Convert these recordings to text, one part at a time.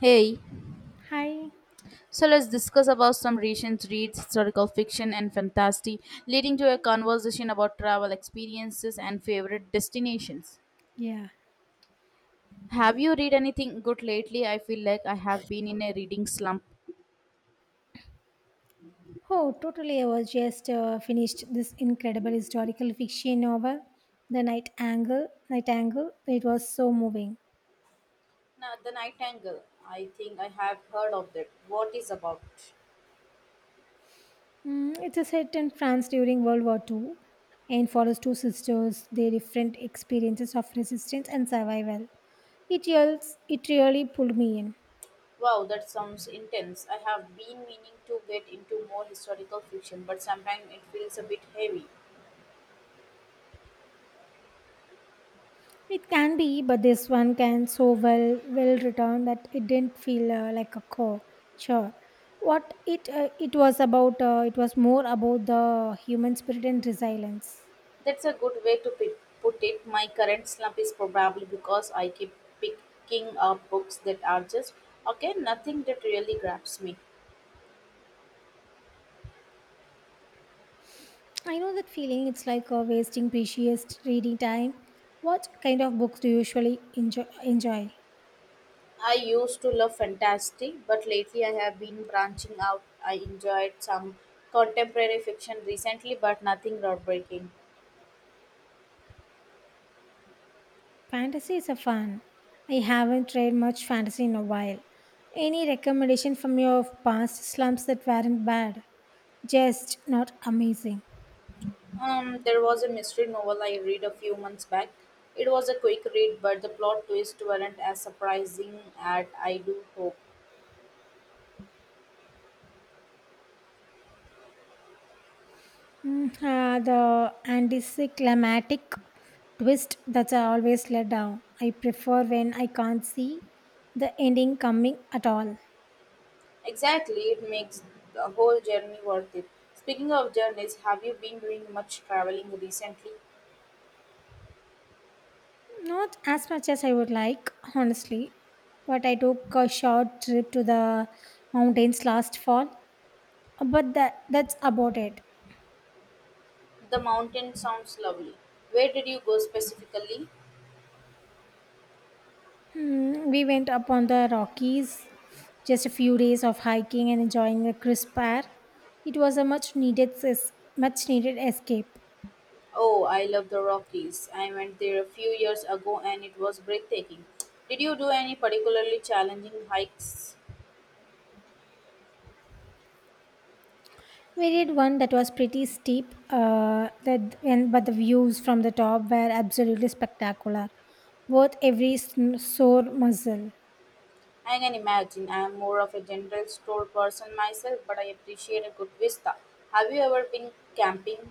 Hey, Hi. so let's discuss about some recent reads, historical fiction and fantasy, leading to a conversation about travel experiences and favorite destinations. Yeah. Have you read anything good lately? I feel like I have been in a reading slump. Oh, totally. I was just finished this incredible historical fiction novel, The Night Angle. Night Angle. It was so moving. Now, the Nightingale, I think I have heard of that. What is about? It's a set in France during World War II and follows two sisters, their different experiences of resistance and survival. It really pulled me in. Wow, that sounds intense. I have been meaning to get into more historical fiction, but sometimes it feels a bit heavy. It can be, but this one can so well return that it didn't feel like a chore. Sure, what it it was about. It was more about the human spirit and resilience. That's a good way to put it. My current slump is probably because I keep picking up books that are just okay, nothing that really grabs me. I know that feeling. It's like wasting precious reading time. What kind of books do you usually enjoy? I used to love fantasy, but lately I have been branching out. I enjoyed some contemporary fiction recently, but nothing groundbreaking. Fantasy is a fun. I haven't read much fantasy in a while. Any recommendation from your past slumps that weren't bad, just not amazing? There was a mystery novel I read a few months back. It was a quick read, but the plot twists weren't as surprising as I do hope. The anticlimactic twist that's always let down. I prefer when I can't see the ending coming at all. Exactly, it makes the whole journey worth it. Speaking of journeys, have you been doing much traveling recently? Not as much as I would like, honestly, but I took a short trip to the mountains last fall. But that's about it. The mountain sounds lovely. Where did you go specifically? We went up on the Rockies, just a few days of hiking and enjoying a crisp air. It was a much needed escape. Oh, I love the Rockies. I went there a few years ago and it was breathtaking. Did you do any particularly challenging hikes? We did one that was pretty steep, but the views from the top were absolutely spectacular, worth every sore muscle. I can imagine. I am more of a general store person myself, but I appreciate a good vista. Have you ever been camping?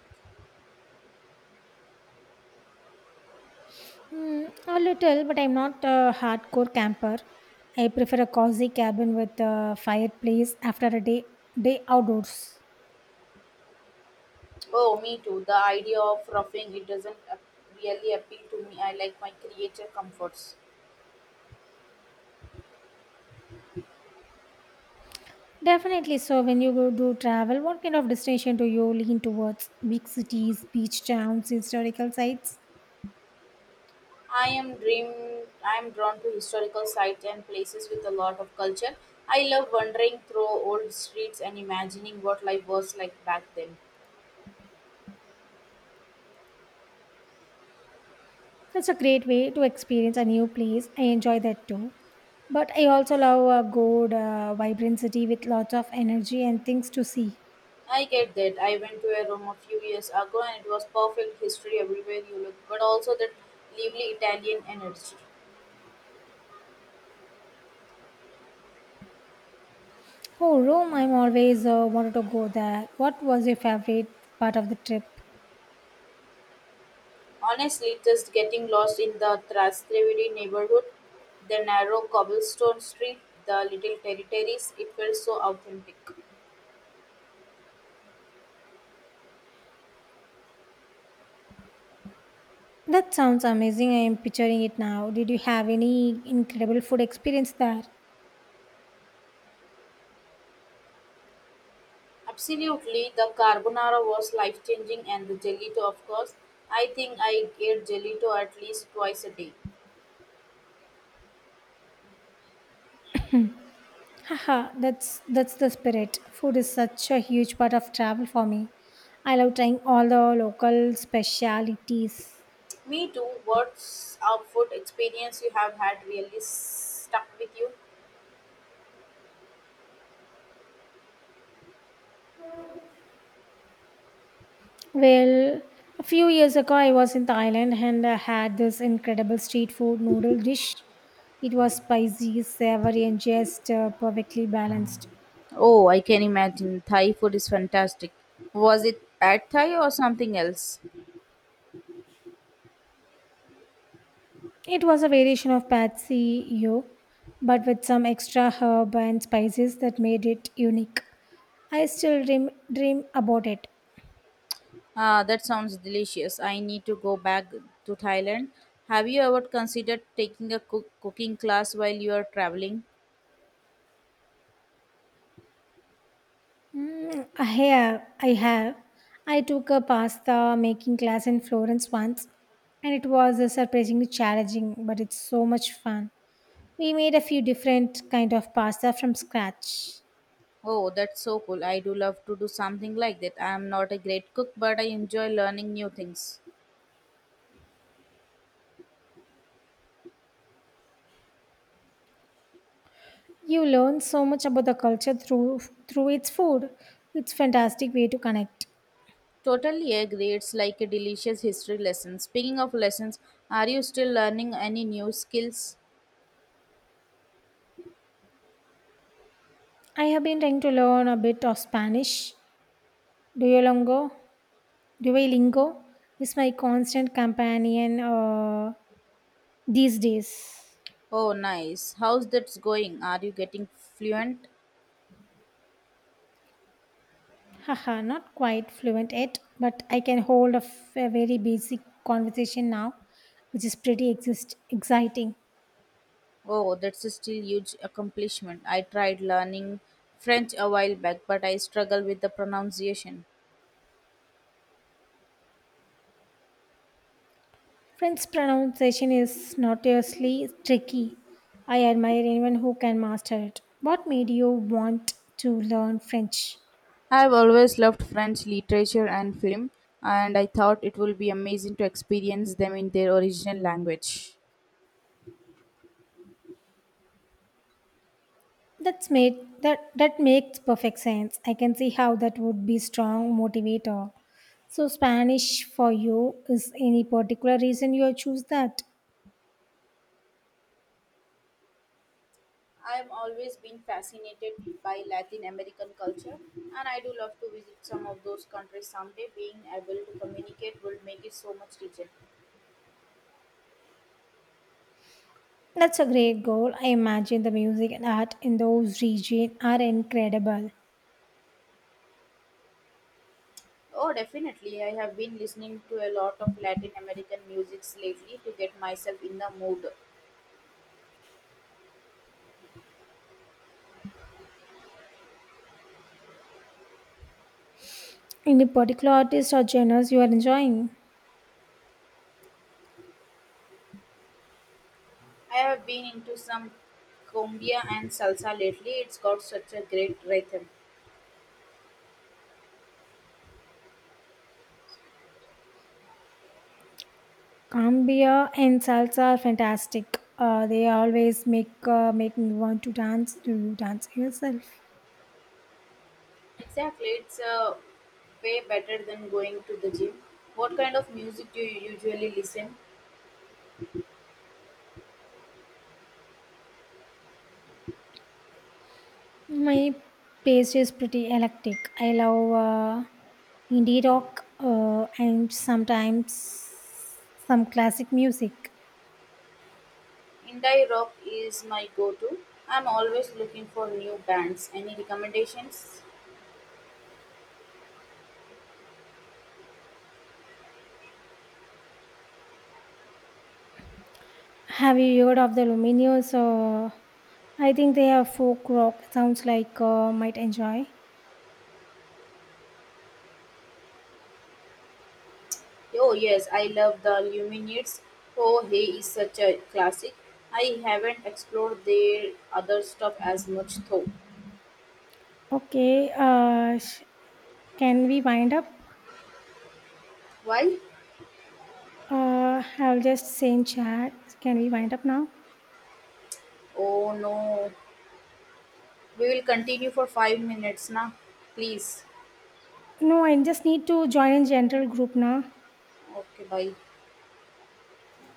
A little, but I'm not a hardcore camper. I prefer a cozy cabin with a fireplace after a day outdoors. Oh, me too. The idea of roughing it doesn't really appeal to me. I like my creative comforts. Definitely. So, when you go do travel, what kind of destination do you lean towards? Big cities, beach towns, historical sites? I am dream. I am drawn to historical sites and places with a lot of culture. I love wandering through old streets and imagining what life was like back then. That's a great way to experience a new place. I enjoy that too. But I also love a good, vibrant city with lots of energy and things to see. I get that. I went to a Rome a few years ago and it was perfect history everywhere you look, but also that lively Italian energy. Oh, Rome, I'm always wanted to go there. What was your favorite part of the trip? Honestly, just getting lost in the Trastevere neighborhood, the narrow cobblestone street, the little territories, it felt so authentic. That sounds amazing. I am picturing it now. Did you have any incredible food experience there? Absolutely, the carbonara was life changing, and the gelato, of course. I think I ate gelato at least twice a day. Haha, that's the spirit. Food is such a huge part of travel for me. I love trying all the local specialities. Me too. What's a food experience you have had really stuck with you? Well, a few years ago, I was in Thailand and I had this incredible street food noodle dish. It was spicy, savory, and just perfectly balanced. Oh, I can imagine. Thai food is fantastic. Was it pad thai or something else? It was a variation of Patsy Yo, but with some extra herb and spices that made it unique. I still dream about it. Ah, that sounds delicious. I need to go back to Thailand. Have you ever considered taking a cooking class while you are traveling? I have. I have. I took a pasta making class in Florence once, and it was surprisingly challenging, but it's so much fun. We made a few different kind of pasta from scratch. Oh, that's so cool. I do love to do something like that. I am not a great cook, but I enjoy learning new things. You learn so much about the culture through its food. It's fantastic way to connect. Totally agree. It's like a delicious history lesson. Speaking of lessons, are you still learning any new skills? I have been trying to learn a bit of Spanish. Duolingo, Duolingo is my constant companion these days. Oh, nice. How's that going? Are you getting fluent? Haha, not quite fluent yet, but I can a very basic conversation now, which is pretty exciting. Oh, that's a still huge accomplishment. I tried learning French a while back, but I struggle with the pronunciation. French pronunciation is notoriously tricky. I admire anyone who can master it. What made you want to learn French? I've always loved French literature and film, and I thought it would be amazing to experience them in their original language. That's made that That makes perfect sense. I can see how that would be strong motivator. So Spanish for you is any particular reason you choose that? I've always been fascinated by Latin American culture, and I do love to visit some of those countries someday. Being able to communicate will make it so much richer. That's a great goal. I imagine the music and art in those regions are incredible. Oh, definitely. I have been listening to a lot of Latin American musics lately to get myself in the mood. Any particular artists or genres you are enjoying? I have been into some cumbia and salsa lately. It's got such a great rhythm. Cambia and salsa are fantastic. They always make me want to dance. Do you dance yourself? Exactly. It's way better than going to the gym. What kind of music do you usually listen? My pace is pretty eclectic. I love indie rock and sometimes some classic music. Indie rock is my go-to. I'm always looking for new bands. Any recommendations? Have you heard of the Lumineers? I think they are folk rock. Sounds like might enjoy. Oh yes, I love the Lumineers. Oh hey is such a classic. I haven't explored their other stuff as much though. Okay, can we wind up? Why? I'll just say in chat. Can we wind up now? Oh no. We will continue for 5 minutes now. Please. No, I just need to join in general group now. Okay, bye.